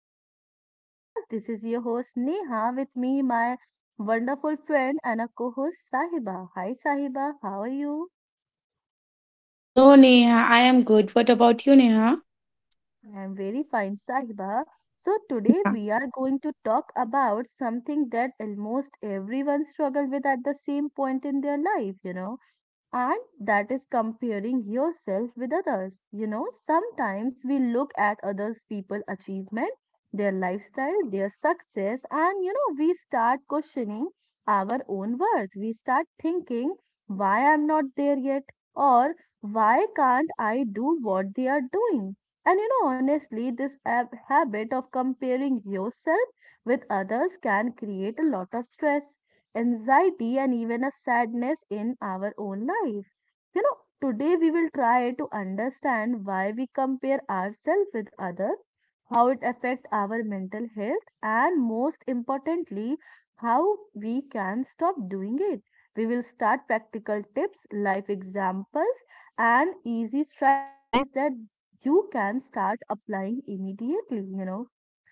back to our podcast. This is your host Neha with me, my wonderful friend and a co-host Sahiba. Hi Sahiba, how are you? Hello, Neha. I am good. What about you, Neha? I am very fine, Sahiba. So today we are going to talk about something that almost everyone struggle with at the same point in their life. And that is comparing yourself with others. You know, sometimes we look at others' people achievement, their lifestyle, their success, and we start questioning our own worth. We start thinking, why I'm not there yet? Or why can't I do what they are doing? And honestly, this habit of comparing yourself with others can create a lot of stress anxiety, and even a sadness in our own life. You know, today we will try to understand why we compare ourselves with others, how it affects our mental health, and most importantly, how we can stop doing it. We will start practical tips, life examples, and easy strategies that you can start applying immediately.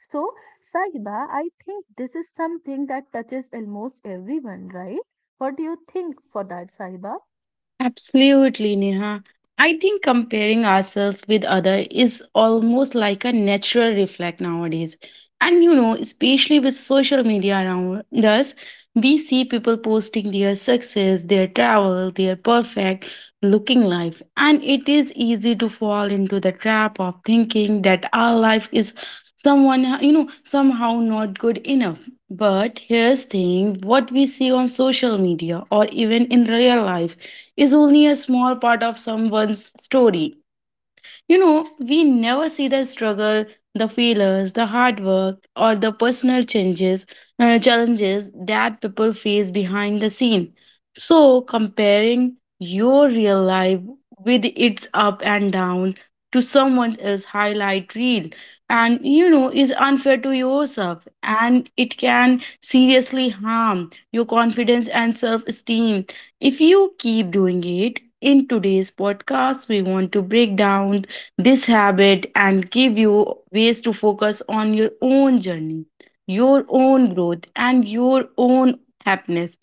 So, Sahiba, I think this is something that touches almost everyone, right? What do you think for that, Sahiba? Absolutely, Neha. I think comparing ourselves with others is almost like a natural reflex nowadays. And you know, especially with social media around us, we see people posting their success, their travel, their perfect looking life. And it is easy to fall into the trap of thinking that our life is someone, you know, somehow not good enough. But here's the thing what we see on social media or even in real life is only a small part of someone's story you know, we never see the struggle, the failures, the hard work, or the personal changes, challenges that people face behind the scene. So, comparing your real life with its up and down to someone else's highlight reel and you know is unfair to yourself and it can seriously harm your confidence and self-esteem if you keep doing it in today's podcast we want to break down this habit and give you ways to focus on your own journey, your own growth, and your own happiness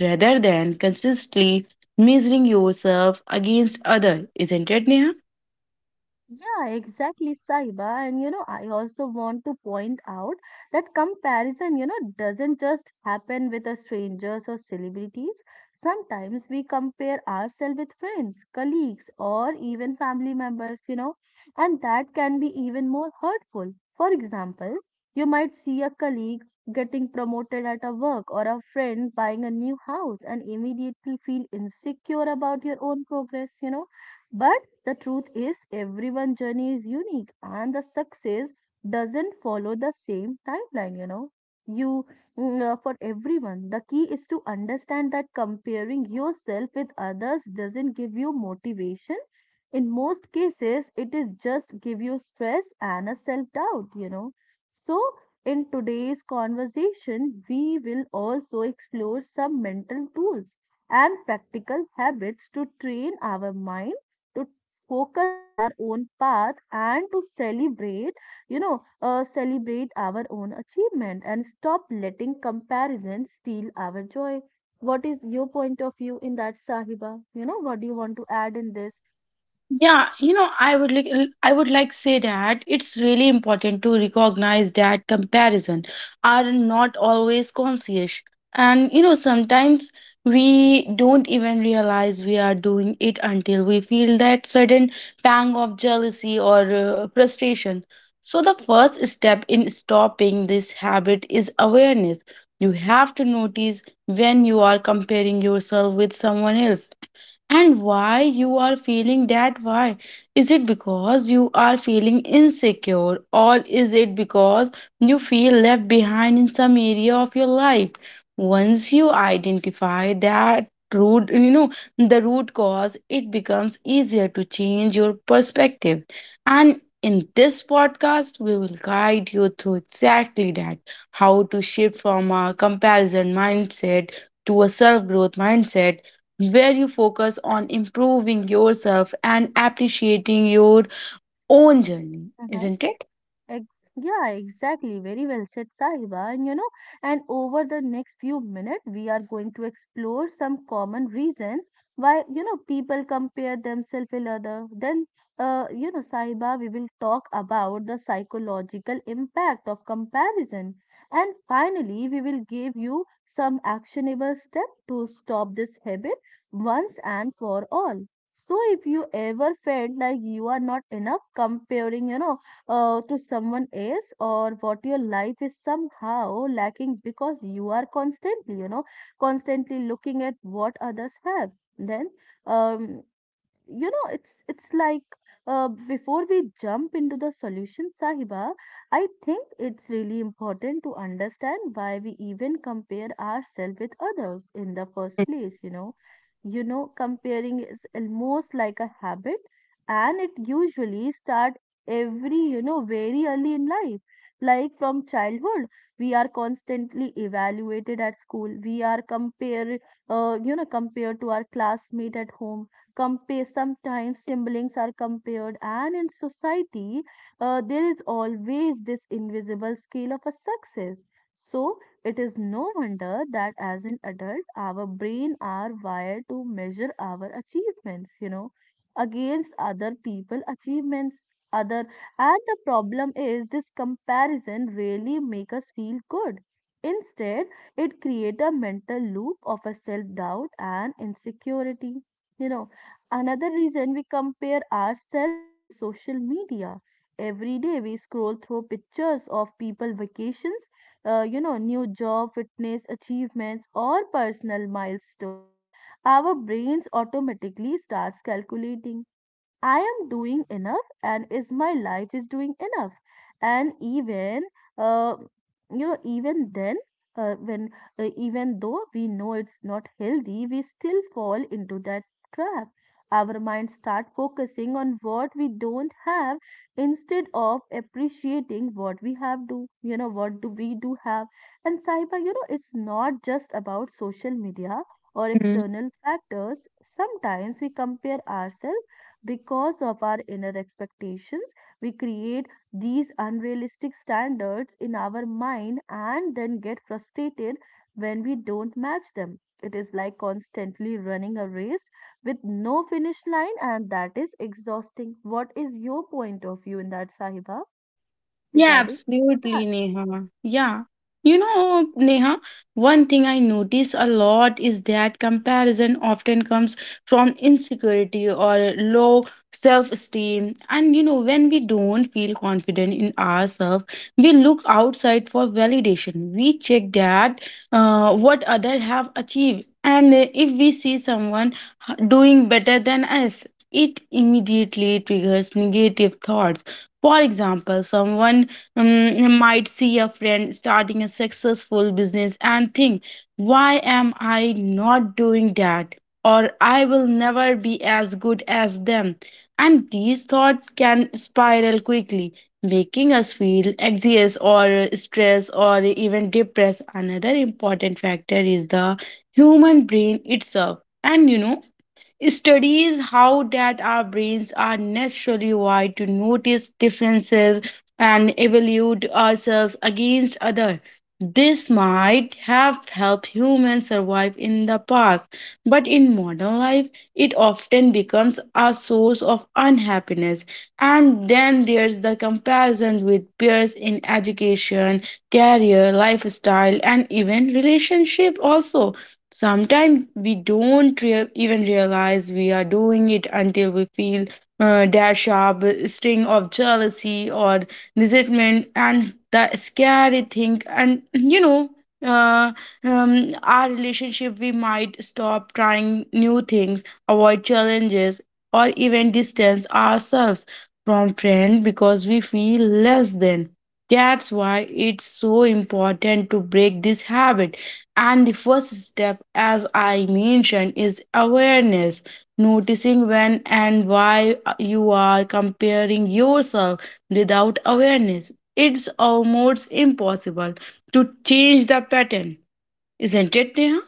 rather than consistently measuring yourself against others. Isn't it, Neha? Yeah, exactly, Saiba. And I also want to point out that comparison, doesn't just happen with the strangers or celebrities. Sometimes we compare ourselves with friends, colleagues, or even family members, and that can be even more hurtful. For example, you might see a colleague getting promoted at a work or a friend buying a new house and immediately feel insecure about your own progress. But the truth is, everyone's journey is unique and the success doesn't follow the same timeline, you know. You, for everyone, the key is to understand that comparing yourself with others doesn't give you motivation. In most cases, it is just give you stress and a self doubt. So, in today's conversation, we will also explore some mental tools and practical habits to train our mind to focus on our own path and to celebrate, celebrate our own achievement and stop letting comparison steal our joy. What is your point of view in that, Sahiba? You know, what do you want to add in this? Yeah, you know, I would like say that it's really important to recognize that comparison are not always conscious. And you know, sometimes we don't even realize we are doing it until we feel that sudden pang of jealousy or frustration. So the first step in stopping this habit is awareness. You have to notice when you are comparing yourself with someone else and why you are feeling that why is it because you are feeling insecure or is it because you feel left behind in some area of your life once you identify that root you know the root cause it becomes easier to change your perspective and in this podcast we will guide you through exactly that how to shift from a comparison mindset to a self growth mindset where you focus on improving yourself and appreciating your own journey, isn't it? Ex- Yeah, exactly. Very well said, Sahiba. And and over the next few minutes, we are going to explore some common reason why, people compare themselves with other. Then, Sahiba, we will talk about the psychological impact of comparison. And finally, we will give you some actionable step to stop this habit once and for all. So if you ever felt like you are not enough comparing, to someone else or what your life is somehow lacking because you are constantly, constantly looking at what others have then um it's like before we jump into the solution Sahiba, I think it's really important to understand why we even compare ourselves with others in the first place. You know, comparing is almost like a habit, and it usually start every very early in life, like from childhood. We are constantly evaluated at school. We are compared compared to our classmate at home. Sometimes siblings are compared, and in society, there is always this invisible scale of a success. So, it is no wonder that as an adult, our brain are wired to measure our achievements, against other people' achievements. Other And the problem is this comparison really make us feel good. Instead, it create a mental loop of a self doubt and insecurity. you know Another reason we compare ourselves is social media. Every day we scroll through pictures of people vacations, new job, fitness achievements, or personal milestone. Our brains automatically starts calculating I am doing enough and is my life is doing enough. And even uh, you know even then when even though we know it's not healthy, we still fall into that trap. Our minds start focusing on what we don't have instead of appreciating what we have do. You know what do we do have? And cyber, it's not just about social media or external factors. Sometimes we compare ourselves because of our inner expectations. We create these unrealistic standards in our mind and then get frustrated when we don't match them. It is like constantly running a race with no finish line, and that is exhausting. What is your point of view in that, Sahiba? Yeah, Regarding with that. absolutely, Neha. Yeah. You know, Neha, one thing I notice a lot is that comparison often comes from insecurity or low self esteem. And, you know, when we don't feel confident in ourselves, we look outside for validation. We check that what others have achieved. And if we see someone doing better than us, it immediately triggers negative thoughts. For example, someone you might see a friend starting a successful business and think, why am I not doing that? Or I will never be as good as them. And these thoughts can spiral quickly, making us feel anxious or stressed or even depressed. Another important factor is the human brain itself. And you know, studies how that our brains are naturally wired to notice differences and evaluate ourselves against others. This might have helped humans survive in the past, but in modern life, it often becomes a source of unhappiness. And then there's the comparison with peers in education, career, lifestyle, and even relationship also. Sometimes we don't rea- even realize we are doing it until we feel that sharp sting of jealousy or resentment. And the scary thing, and you know, uh, our relationship, we might stop trying new things, avoid challenges, or even distance ourselves from friends because we feel less than. That's why it's so important to break this habit and the first step, as I mentioned, is awareness, noticing when and why you are comparing yourself without awareness. It's almost impossible to change the pattern, isn't it, Neha?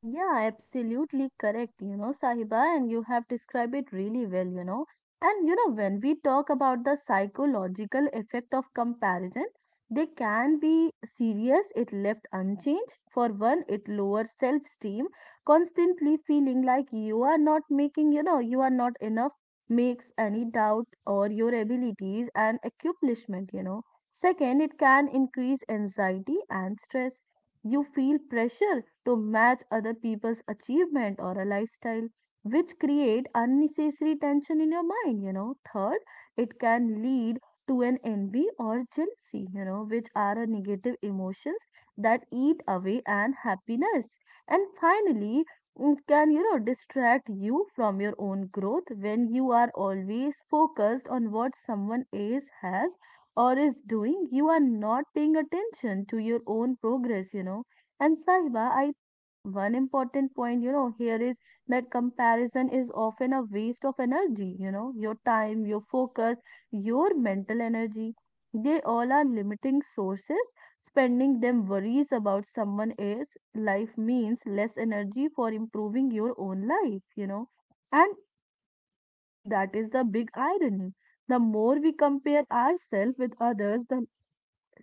Yeah, absolutely correct, Sahiba, and you have described it really well. And when we talk about the psychological effect of comparison, they can be serious It left unchanged. For one, it lowers self-esteem. Constantly feeling like you are not making, you are not enough makes any doubt or your abilities and accomplishment, Second, it can increase anxiety and stress. You feel pressure to match other people's achievement or a lifestyle which create unnecessary tension in your mind. Third, it can lead to an envy or jealousy, which are a negative emotions that eat away and happiness. And finally, can distract you from your own growth. When you are always focused on what someone else has or is doing, you are not paying attention to your own progress. And Sahiba, I think one important point, here is that comparison is often a waste of energy, your time, your focus, your mental energy. They all are limiting sources. Spending them worries about someone else. Life means less energy for improving your own life, And that is the big irony. The more we compare ourselves with others,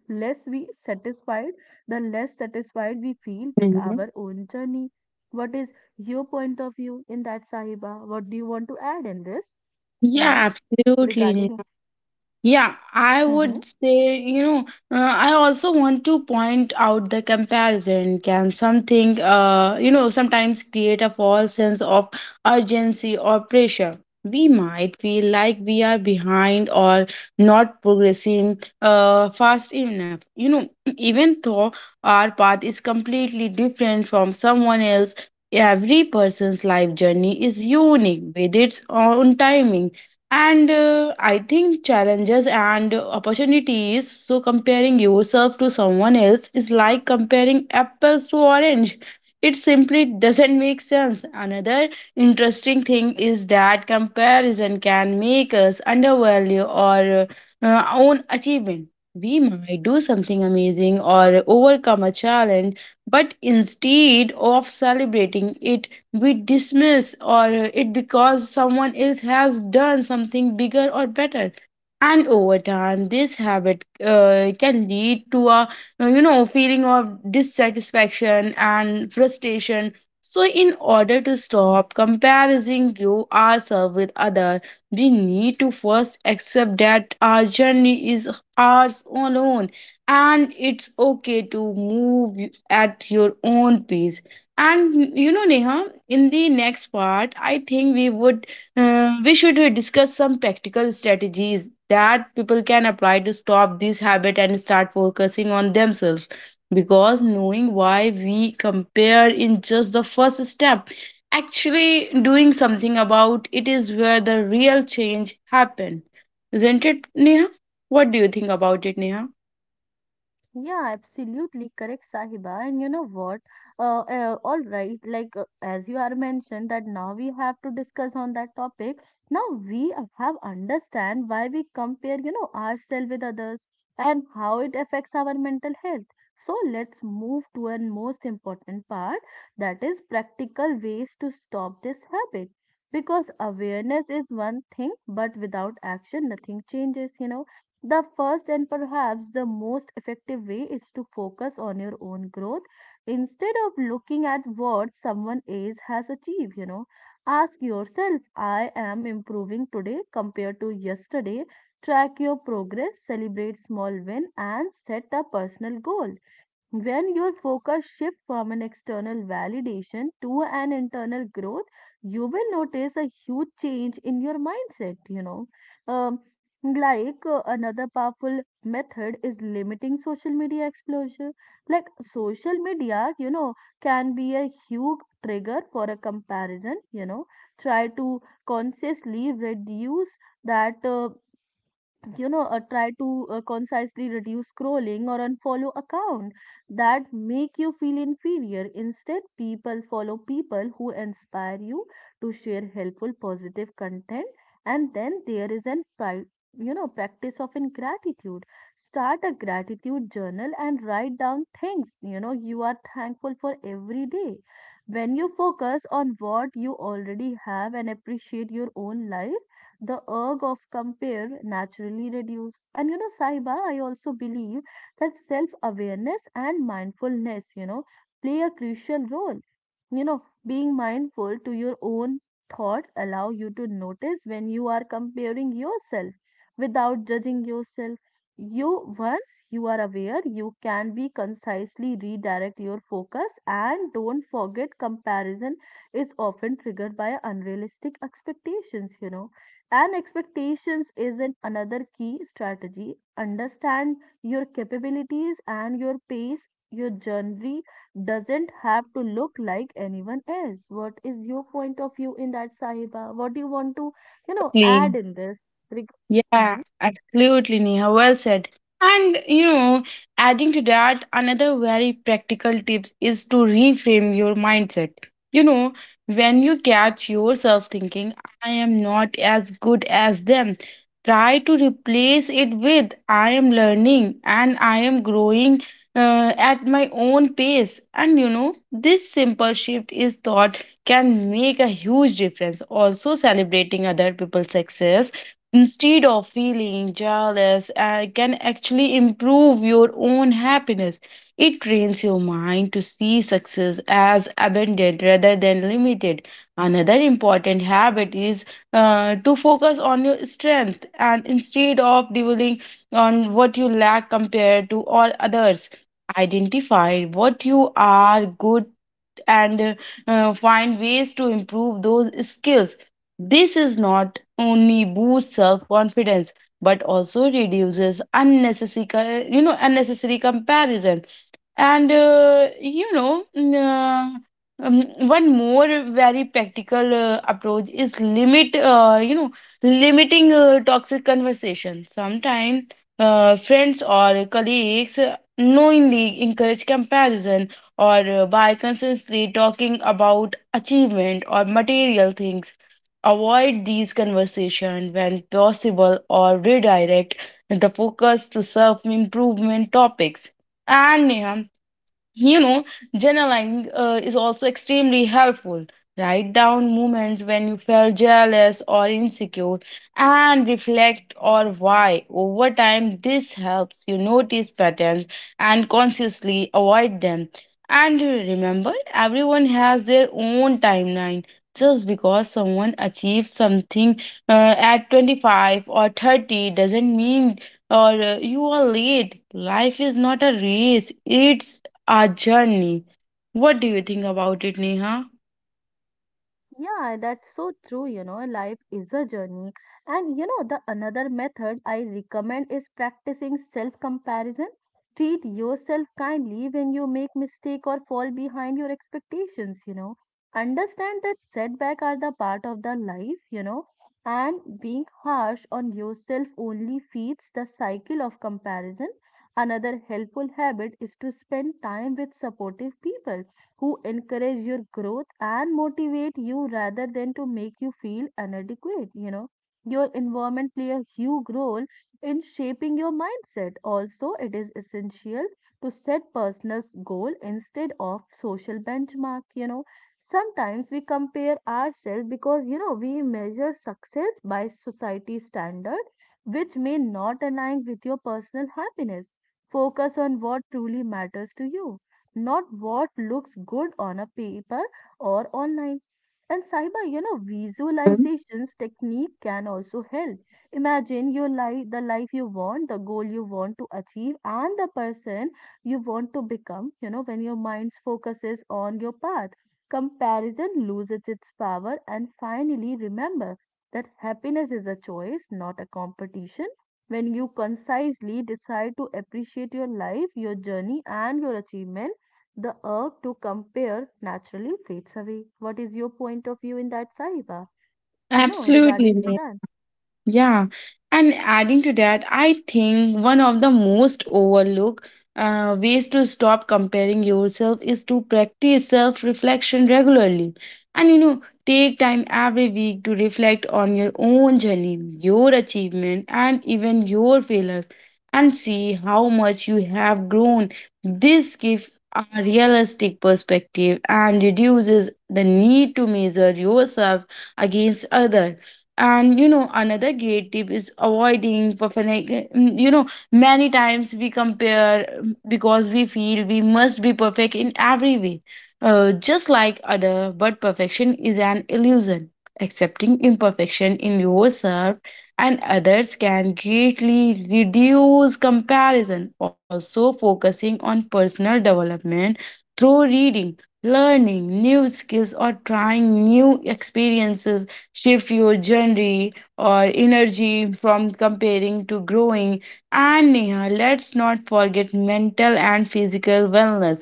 less we satisfied, the less satisfied we feel with Mhm. our own journey. What is your point of view in that, Sahiba? What do you want to add in this? You know, Yeah, absolutely. regarding. Yeah, I Mhm. would say, you know, I also want to point out the comparison can you know, sometimes create a false sense of urgency or pressure. We might feel like we are behind or not progressing fast enough. You know, even though our path is completely different from someone else, every person's life journey is unique with its own timing and I think challenges and opportunities. So comparing yourself to someone else is like comparing apples to orange. It simply doesn't make sense. Another interesting thing is that comparison can make us undervalue our own achievement. We might do something amazing or overcome a challenge, but instead of celebrating it, we dismiss or it because someone else has done something bigger or better and over time this habit can lead to a you know feeling of dissatisfaction and frustration so in order to stop comparing you ourselves with others we need to first accept that our journey is ours alone and it's okay to move at your own pace and you know, Neha, in the next part, I think we should discuss some practical strategies that people can apply to stop this habit and start focusing on themselves. Because knowing why we compare in just the first step, actually doing something about it is where the real change happen, isn't it, Neha? What do you think about it, Neha? Yeah, absolutely correct, Sahiba. And you know what? All right, as you are mentioned that now we have to discuss on that topic. Now we have understand why we compare, ourselves with others and how it affects our mental health. So let's move to a most important part that is practical ways to stop this habit. Because awareness is one thing, but without action, nothing changes, the first and perhaps the most effective way is to focus on your own growth instead of looking at what someone else has achieved. You know, ask yourself, I am improving today compared to yesterday. Track your progress, celebrate small win, and set a personal goal when your focus shifts from an external validation to an internal growth, you will notice a huge change in your mindset, Um, Another powerful method is limiting social media exposure. Like social media, can be a huge trigger for a comparison, Try to consciously reduce that try to concisely reduce scrolling or unfollow account that make you feel inferior. Instead people follow people who inspire you to share helpful positive content. And then there is an practice of in gratitude. Start a gratitude journal and write down things you are thankful for every day. When you focus on what you already have and appreciate your own life, the urge of compare naturally reduce. And you know, Sahiba, I also believe that self awareness and mindfulness, play a crucial role. You know, being mindful to your own thought allow you to notice when you are comparing yourself without judging yourself. You Once you are aware, you can be concisely redirect your focus and don't forget comparison is often triggered by unrealistic expectations, and expectations isn't another key strategy. Understand your capabilities and your pace. Your journey doesn't have to look like anyone else. What is your point of view in that, Sahiba? What do you want to, Please. add in this? Reg- Yeah, mm-hmm. absolutely, Neha. Well said. And you know, adding to that, another very practical tip is to reframe your mindset. You know, when you catch yourself thinking, I am not as good as them, try to replace it with I am learning and I am growing at my own pace. And you know, this simple shift is thought can make a huge difference. Also, celebrating other people's success instead of feeling jealous can actually improve your own happiness it trains your mind to see success as abundant rather than limited another important habit is to focus on your strength and instead of dwelling on what you lack compared to all others identify what you are good and find ways to improve those skills. This is not only boosts self confidence but also reduces you know unnecessary comparison and um, one more very practical, approach is limit you know limiting toxic conversation sometimes friends or colleagues knowingly encourage comparison or by consistently talking about achievement or material things avoid these conversations when possible or redirect the focus to self improvement topics and Neha, you know, journaling is also extremely helpful. Write down moments when you felt jealous or insecure and reflect on why. Over time, this helps you notice patterns and consciously avoid them. And remember, everyone has their own timeline. Just because someone achieves something at 25 or 30 doesn't mean or you are late. Life is not a race, it's our journey. What do you think about it, Neha? Yeah, that's so true. You know, life is a journey. And the another method I recommend is practicing self comparison. Treat yourself kindly when you make mistake or fall behind your expectations, Understand that setback are the part of the life, and being harsh on yourself only feeds the cycle of comparison. Another helpful habit is to spend time with supportive people who encourage your growth and motivate you rather than to make you feel inadequate, your environment play a huge role in shaping your mindset. Also, it is essential to set personal goal instead of social benchmark, sometimes we compare ourselves because, we measure success by society standard which may not align with your personal happiness. Focus on what truly matters to you, not what looks good on a paper or online. And cyber, visualizations technique can also help. Imagine your life, the life you want, the goal you want to achieve, and the person you want to become. You know, when your mind focuses on your path, comparison loses its power. And finally, remember that happiness is a choice, not a competition. When you concisely decide to appreciate your life, your journey, and your achievement, the urge to compare naturally fades away. What is your point of view in that, Sahiba? You know, regarding to Absolutely. that. Yeah, and adding to that, I think one of the most overlooked ways to stop comparing yourself is to practice self reflection regularly. And you know, take time every week to reflect on your own journey, your achievement, and even your failures, and see how much you have grown. This gives a realistic perspective and reduces the need to measure yourself against others and you know another great tip is avoiding perfect you know many times we compare because we feel we must be perfect in every way just like other but perfection is an illusion accepting imperfection in yourself and others can greatly reduce comparison also focusing on personal development through reading learning new skills or trying new experiences. Shift your journey or energy from comparing to growing. And Neha, let's not forget mental and physical wellness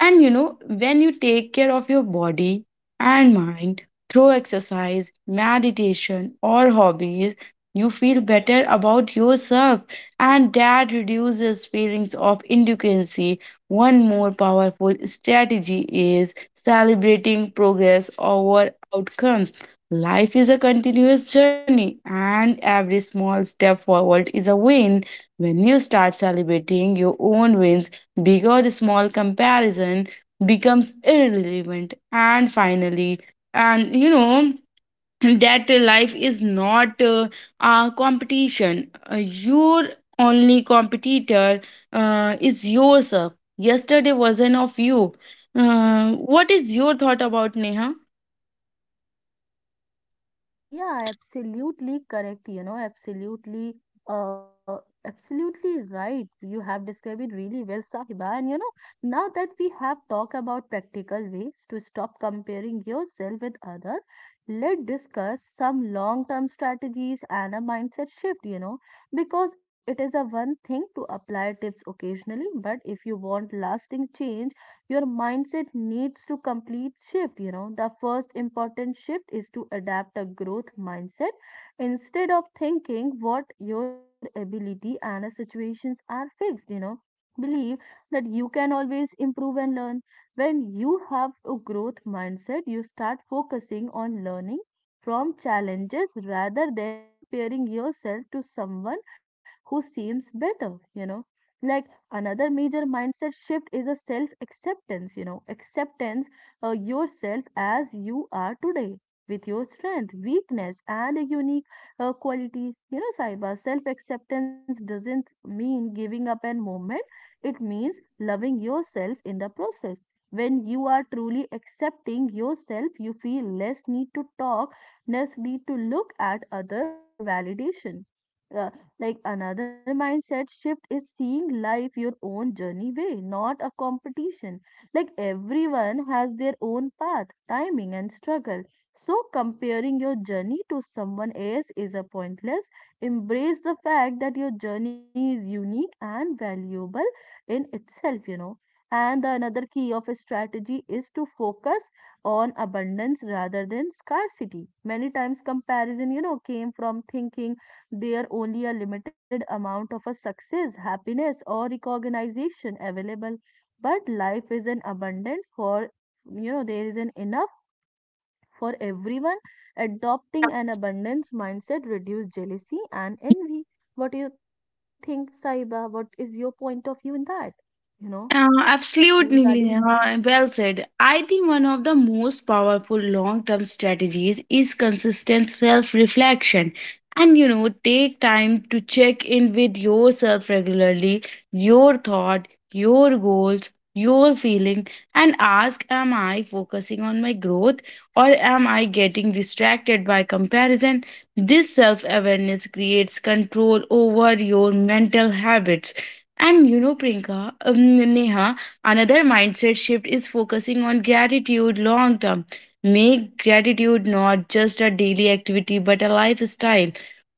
and you know, when you take care of your body and mind through exercise, meditation, or hobbies, you feel better about yourself, and that reduces feelings of inadequacy. One more powerful strategy is celebrating progress over outcomes. Life is a continuous journey, and every small step forward is a win. When you start celebrating your own wins, big or small, comparison becomes irrelevant. And finally, and you know, that life is not a competition. Your only competitor is yourself. Yesterday version of you. What is your thought about Neha? Yeah, absolutely correct. You know, absolutely, uh, absolutely right. You have described it really well, Sahiba. And you know, now that we have talked about practical ways to stop comparing yourself with others, let's discuss some long-term strategies and a mindset shift, you know, because it is a one thing to apply tips occasionally, but if you want lasting change, your mindset needs to complete shift. You know, the first important shift is to adapt a growth mindset instead of thinking what your ability and situations are fixed. You know, believe that you can always improve and learn. When you have a growth mindset, you start focusing on learning from challenges rather than comparing yourself to someone who seems better, you know, like. Another major mindset shift is a self acceptance. You know, acceptance yourself as you are today with your strength weakness and unique qualities. You know, Saiba, self acceptance doesn't mean giving up and movement. It means loving yourself in the process. When you are truly accepting yourself, you feel less need to talk, less need to look at others for validation. Uh, like, another mindset shift is seeing life your own journey way, not a competition. Like, everyone has their own path, timing, and struggle. So comparing your journey to someone else is a pointless. Embrace the fact that your journey is unique and valuable in itself, you know. And the another key of a strategy is to focus on abundance rather than scarcity. Many times comparison, you know, came from thinking there only a limited amount of a success, happiness, or recognition available. But life is an abundant for, there is an enough for everyone. Adopting an abundance mindset reduce jealousy and envy. What do you think, Saiba? What is your point of view in that? You know, regarding. Absolutely, Neha. Well said. I think one of the most powerful long term strategies is consistent self reflection. And you know, take time to check in with yourself regularly, your thought, your goals, your feeling, and ask Am I focusing on my growth or am I getting distracted by comparison? This self awareness creates control over your mental habits and you know, Neha, another mindset shift is focusing on gratitude long term. Make gratitude not just a daily activity but a lifestyle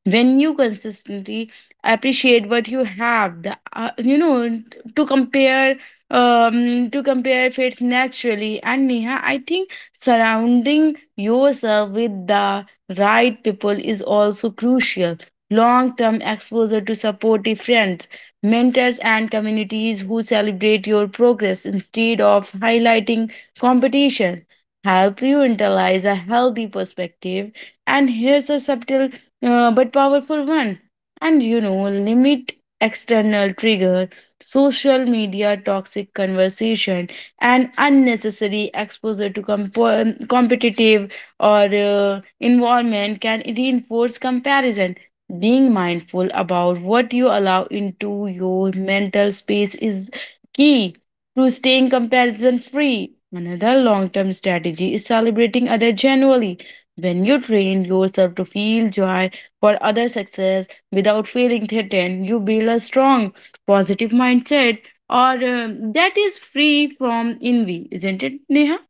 when you consistently appreciate what you have the you know to compare to compare fits naturally and neha I think surrounding yourself with the right people is also crucial long term exposure to supportive friends mentors and communities who celebrate your progress instead of highlighting competition help you internalize a healthy perspective and here's a subtle but powerful one. And you know, limit external trigger, social media toxic conversation, and unnecessary exposure to competitive or environment can reinforce comparison. Being mindful about what you allow into your mental space is key to staying comparison free. Another long term strategy is celebrating others genuinely. When you train yourself to feel joy for other success without feeling threatened. You build a strong, positive mindset or that is free from envy, isn't it, Neha?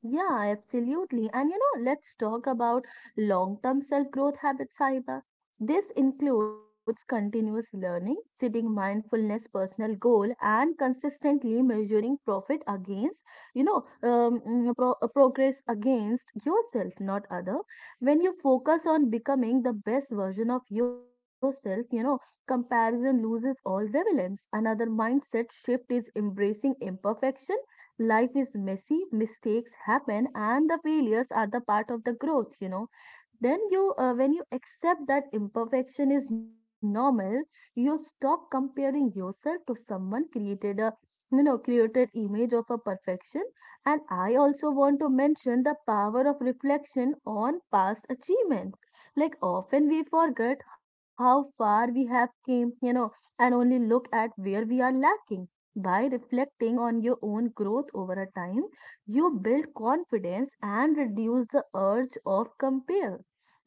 Yeah, absolutely. And you know, let's talk about long term self growth habits, Saiba. This includes continuous learning, setting mindfulness personal goal, and consistently measuring profit against, you know, progress against yourself, not other. When you focus on becoming the best version of yourself, you know, comparison loses all relevance. Another mindset shift is embracing imperfection. Life is messy, mistakes happen, and the failures are the part of the growth, you know. Then you uh, when you accept that imperfection is normal, you stop comparing yourself to someone created a, you know, created image of a perfection. And I also want to mention the power of reflection on past achievements. Like, often we forget how far we have came, you know, and only look at where we are lacking. By reflecting on your own growth over a time, you build confidence and reduce the urge of compare.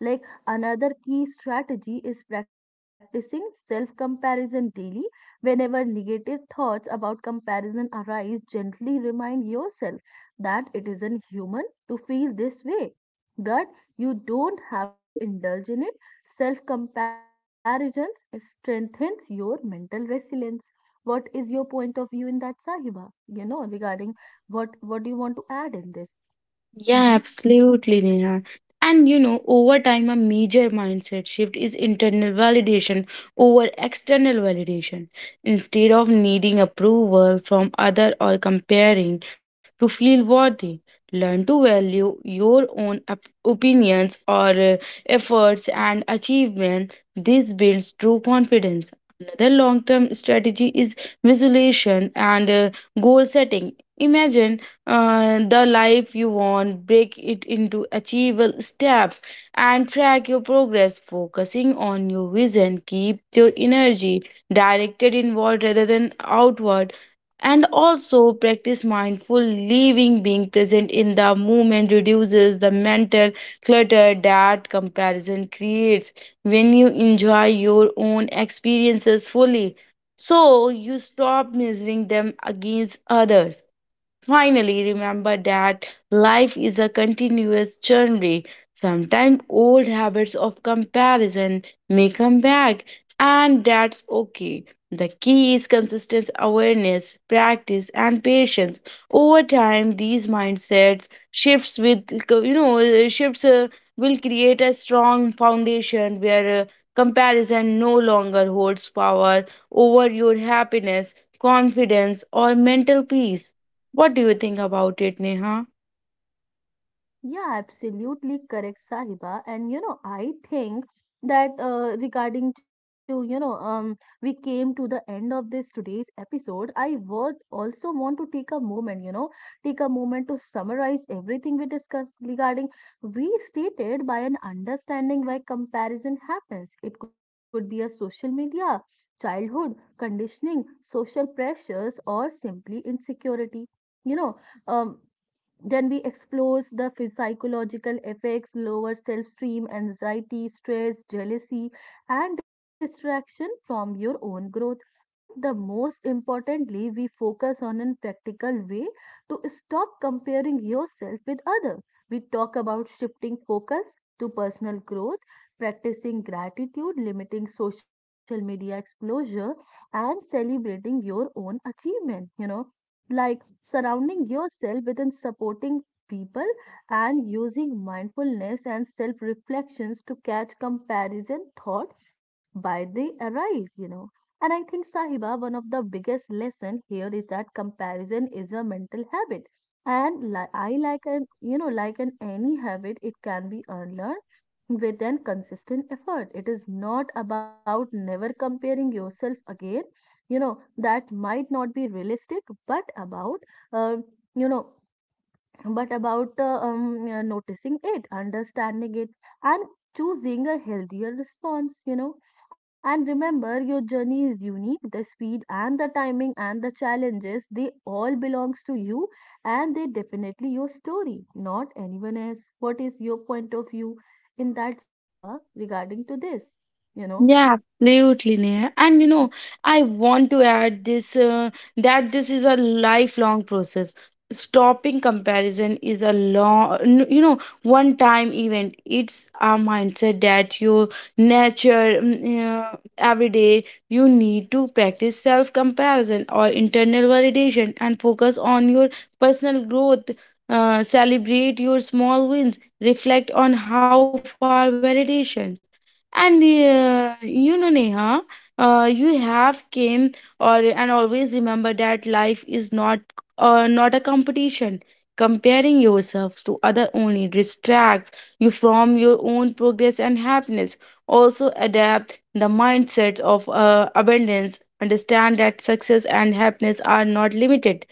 Like, another key strategy is practicing self comparison daily. Whenever negative thoughts about comparison arise, gently remind yourself that it is an human to feel this way, that you don't have to indulge in it. Self comparisons strengthens your mental resilience. What is your point of view in that, Sahiba? You know, regarding, what do you want to add in this? Hmm. Yeah, absolutely, Neha. And you know, over time, a major mindset shift is internal validation over external validation. Instead of needing approval from other or comparing to feel worthy, learn to value your own opinions or efforts and achievement. This builds true confidence. Another long-term strategy is visualization and goal setting. Imagine the life you want, break it into achievable steps, and track your progress, focusing on your vision. Keep your energy directed inward rather than outward. And also practice mindful living, being present in the moment reduces the mental clutter that comparison creates when you enjoy your own experiences fully. So you stop measuring them against others. Finally, remember that life is a continuous journey. Sometimes old habits of comparison may come back, and that's okay. The key is consistent awareness, practice, and patience. Over time, these mindsets shifts with you know shifts will create a strong foundation where comparison no longer holds power over your happiness, confidence, or mental peace. What do you think about it, Neha? Yeah, absolutely correct, Sahiba. And you know, I think that regarding to, you know, we came to the end of this today's episode. I would also want to take a moment, you know, take a moment to summarize everything we discussed regarding. We stated by an understanding why comparison happens. It could be a social media, childhood conditioning, social pressures, or simply insecurity. You know, um, then we explore the psychological effects, lower self esteem, anxiety, stress, jealousy, and distraction from your own growth. But the most importantly, we focus on a practical way to stop comparing yourself with others. We talk about shifting focus to personal growth, practicing gratitude, limiting social media exposure, and celebrating your own achievement. You know, like surrounding yourself within supporting people and using mindfulness and self reflections to catch comparison thought by the arise, you know. And I think, Sahiba, one of the biggest lesson here is that comparison is a mental habit, and li- I like an, you know, like an any habit, it can be unlearned with an consistent effort. It is not about never comparing yourself again, you know, that might not be realistic, but about, uh, you know noticing it, understanding it, and choosing a healthier response, you know. And remember, your journey is unique. The speed and the timing and the challenges, they all belongs to you, and they definitely your story, not anyone else. What is your point of view in that, Saiba, regarding to this, you know? Yeah, absolutely, Neha. And you know, I want to add this that this is a lifelong process. Stopping comparison is a long, you know, one time event. It's a mindset that you nurture every day. You need to practice self comparison or internal validation and focus on your personal growth. Celebrate your small wins. Reflect on how far validation. And you know, Neha, you have came or and always remember that life is not not a competition. Comparing yourself to other only distracts you from your own progress and happiness. Also, adapt the mindset of abundance. Understand that success and happiness are not limited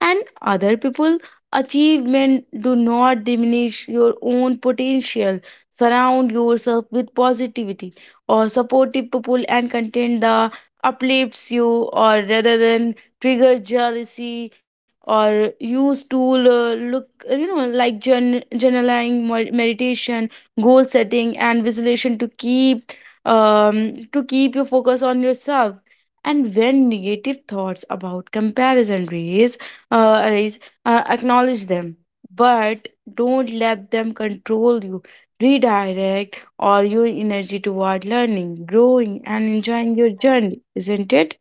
and other people achievement do not diminish your own potential. Surround yourself with positivity or supportive people and content that uplifts you or rather than trigger jealousy or use tool look you know, like journaling, meditation, goal setting, and visualization to keep to keep your focus on yourself. And when negative thoughts about comparison raise arise, acknowledge them, but don't let them control you. Redirect all your energy toward learning, growing, and enjoying your journey, isn't it?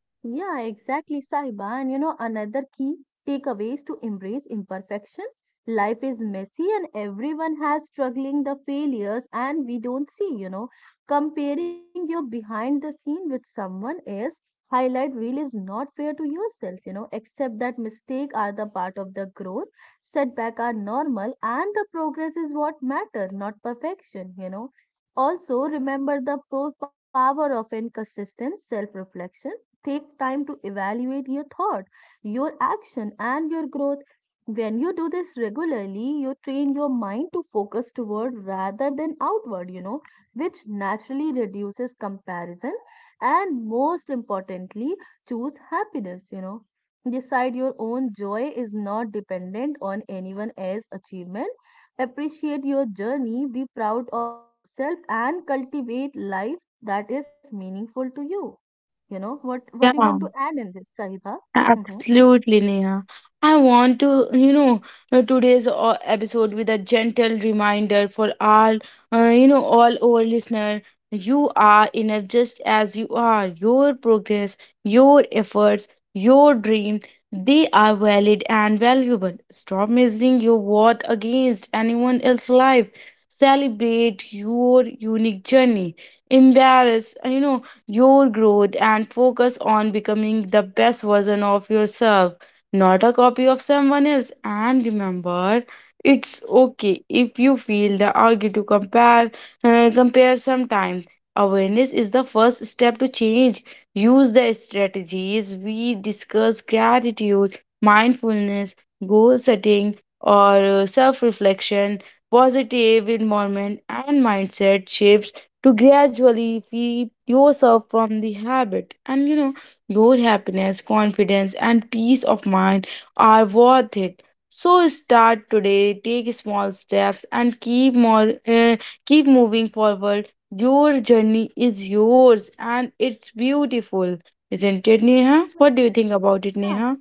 Yeah, exactly, Saiba. And you know, another key takeaway is to embrace imperfection. Life is messy and everyone has struggling the failures and we don't see, you know. Comparing your behind the scene with someone else highlight reel is not fair to yourself, you know. Accept that mistake are the part of the growth, setback are normal, and the progress is what matter, not perfection, you know. Also, remember the power of inconsistent self reflection. Take time to evaluate your thought, your action, and your growth. When you do this regularly, you train your mind to focus toward rather than outward, you know, which naturally reduces comparison. And most importantly, choose happiness, you know. Decide your own joy is not dependent on anyone else's achievement. Appreciate your journey, be proud of yourself, and cultivate life that is meaningful to you. You know, what do you Yeah. want to add in this, Sahiba? Mm-hmm. Absolutely, Neha. I want to, you know, today's episode with a gentle reminder for all, you know, all our listener. You are enough just as you are. Your progress, your efforts, your dream, they are valid and valuable. Stop measuring your worth against anyone else's life. Celebrate your unique journey. Embrace, you know, your growth and focus on becoming the best version of yourself, not a copy of someone else. And remember, it's okay if you feel the urge to compare sometimes. Awareness is the first step to change. Use the strategies we discuss gratitude, mindfulness, goal setting, or self reflection, positive environment, and mindset shifts to gradually free yourself from the habit. And you know, your happiness, confidence, and peace of mind are worth it. So start today, take small steps and keep moving forward. Your journey is yours and it's beautiful. Isn't it, Neha? What do you think about it, Yeah, Neha?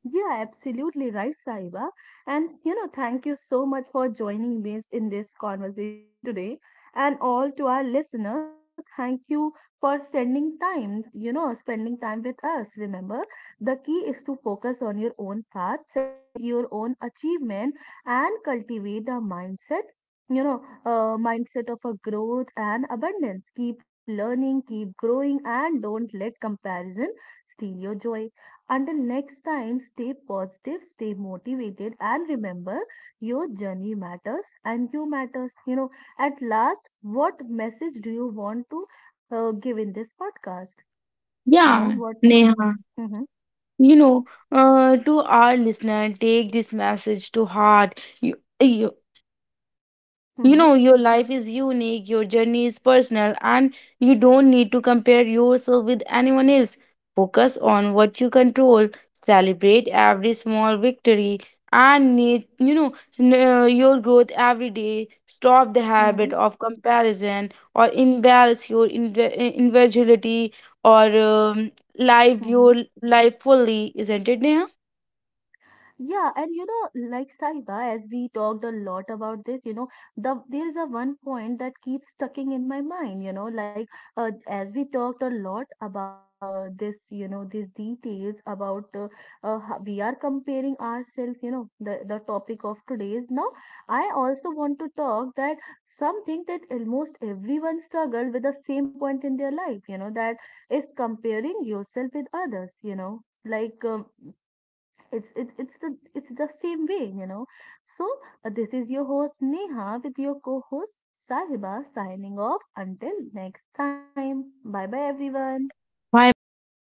Yeah, absolutely right, Saiba. And you know, thank you so much for joining me in this conversation today. And all to our listener, thank you for spending time, you know, spending time with us. Remember, the key is to focus on your own path, celebrate your own achievement, and cultivate a mindset, you know, a mindset of a growth and abundance. Keep learning, keep growing, and don't let comparison steal your joy. Until next time, stay positive, stay motivated, and remember, your journey matters and you matters. You know, at last, what message do you want to give in this podcast? You know, Yeah, what, what, Neha. mm-hmm, You know, to our listener, take this message to heart. You mm-hmm, know, your life is unique, your journey is personal, and you don't need to compare yourself with anyone else. Focus on what you control, celebrate every small victory, and need, you know, your growth every day. Stop the habit mm-hmm, of comparison or embarrass your individuality or live mm-hmm. your life fully, isn't it, Neha? Yeah, and you know, like, Saiba, as we talked a lot about this, you know, there is a one point that keeps sticking in my mind, you know, like. As we talked a lot about this, you know, these details about, we are comparing ourselves, you know, the topic of today's. Now, I also want to talk that something that almost everyone struggle with the same point in their life, you know, that is comparing yourself with others, you know, like. It's the, it's the same way, you know. So this is your host Neha with your co-host Sahiba signing off until next time. Bye bye, everyone. Bye bye, everyone.